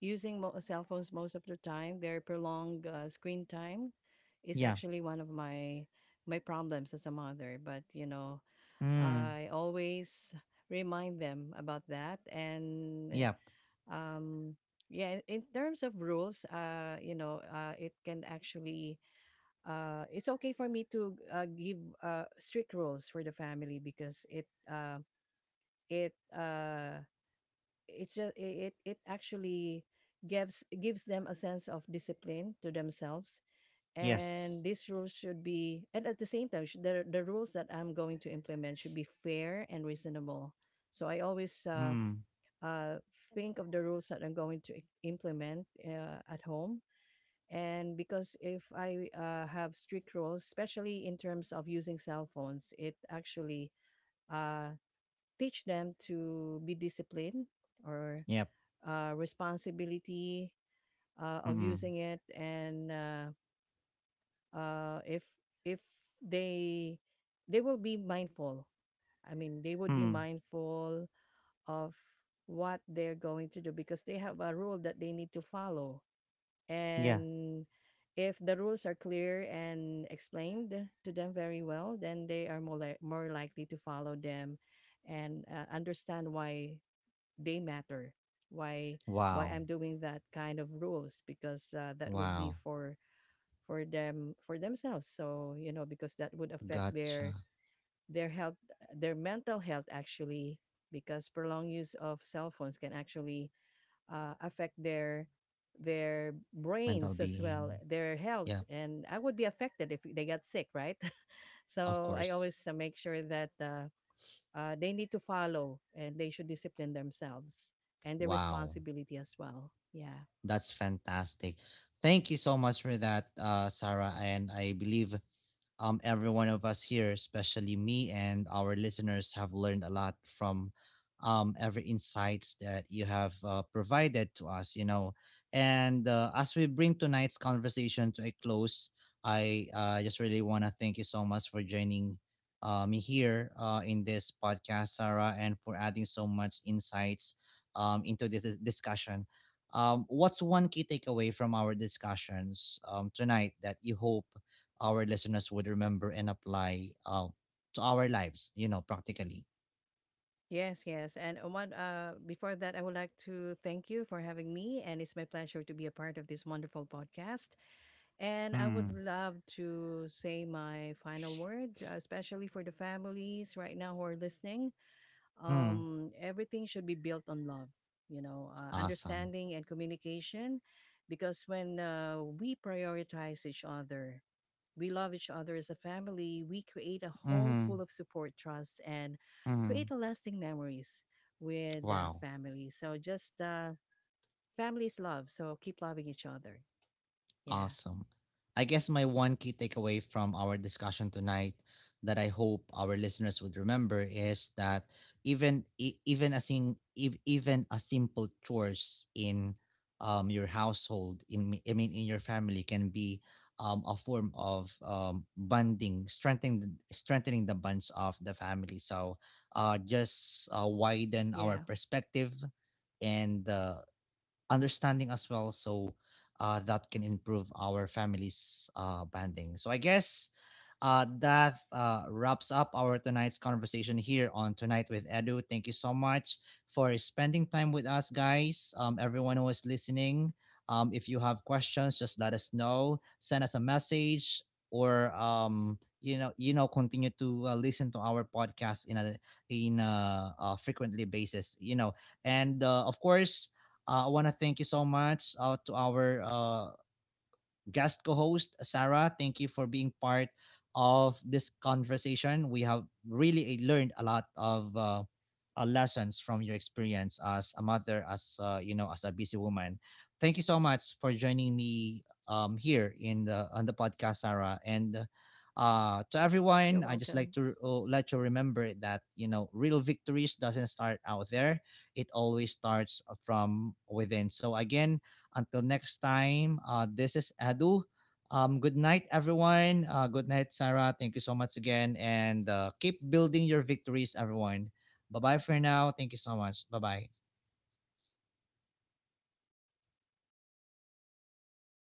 B: using mo- cell phones most of the time, their prolonged screen time is
A: Yeah.
B: actually one of my my problems as a mother. But, you know,
A: Mm.
B: I always remind them about that. And
A: Yep.
B: um, yeah, in terms of rules, you know, it can actually it's okay for me to give strict rules for the family because it uh, it's just it actually gives them a sense of discipline to themselves. And
A: Yes.
B: these rules should be, and at the same time the rules that I'm going to implement should be fair and reasonable. So I always
A: Mm.
B: uh, think of the rules that I'm going to implement at home. And because if I have strict rules, especially in terms of using cell phones, it actually uh, teach them to be disciplined or
A: Yep.
B: responsibility of
A: Mm.
B: using it. And uh, if if they they will be mindful. I mean, they would be
A: Mm.
B: mindful of what they're going to do because they have a rule that they need to follow.
A: Yeah.
B: And if the rules are clear and explained to them very well, then they are more likely to follow them and understand why they matter, why why
A: Wow.
B: I'm doing that kind of rules, because that would be
A: Wow.
B: for them, for themselves. So, you know, because that would affect
A: Gotcha.
B: their health, their mental health actually, because prolonged use of cell phones can actually affect their
A: Mental
B: brains as well,
A: being.
B: their health.
A: Yep,
B: And I would be affected if they got sick, right?
A: of
B: So I
A: course.
B: always make sure that they need to follow, and they should discipline themselves and their
A: Wow.
B: responsibility as well. Yeah.
A: That's fantastic. Thank you so much for that, Sarah. And I believe, every one of us here, especially me and our listeners, have learned a lot from, every insights that you have, provided to us. You know. And, as we bring tonight's conversation to a close, I, just really want to thank you so much for joining, me here, in this podcast, Sarah, and for adding so much insights, into this discussion. What's one key takeaway from our discussions, tonight, that you hope our listeners would remember and apply, to our lives, you know, practically.
B: Yes, yes. And one before that, I would like to thank you for having me, and it's my pleasure to be a part of this wonderful podcast. And I would
A: Mm.
B: love to say my final word, especially for the families right now who are listening.
A: Mm.
B: Um, everything should be built on love, you know,
A: Awesome.
B: understanding and communication because when we prioritize each other, we love each other as a family, we create a home
A: Mm-hmm.
B: full of support, trust, and
A: Mm-hmm.
B: create a lasting memories with
A: Wow.
B: family. So just families love. So keep loving each other. Yeah.
A: Awesome. I guess my one key takeaway from our discussion tonight that I hope our listeners would remember is that even a simple chores in, your household, I mean in your family, can be, a form of, bonding, strengthening the bonds of the family. So, just, widen our
B: Yeah.
A: perspective and, understanding as well. So, that can improve our family's, bonding. So I guess, that, wraps up our tonight's conversation here on Tonight with Edu. Thank you so much for spending time with us, guys. Everyone who is listening, if you have questions, just let us know. Send us a message or, continue to, listen to our podcast in frequently basis. You know, and, of course, I want to thank you so much, to our, guest co-host Sarah. Thank you for being part of this conversation. We have really learned a lot of, lessons from your experience as a mother, as, you know, as a busy woman. Thank you so much for joining me, here in the on the podcast, Sarah. And, to everyone, I just like to, let you remember that, you know, real victories doesn't start out there; it always starts from within. So again, until next time, this is Adu. Good night, everyone. Good night, Sarah. Thank you so much again. And, keep building your victories, everyone. Bye bye for now. Thank you so much. Bye bye.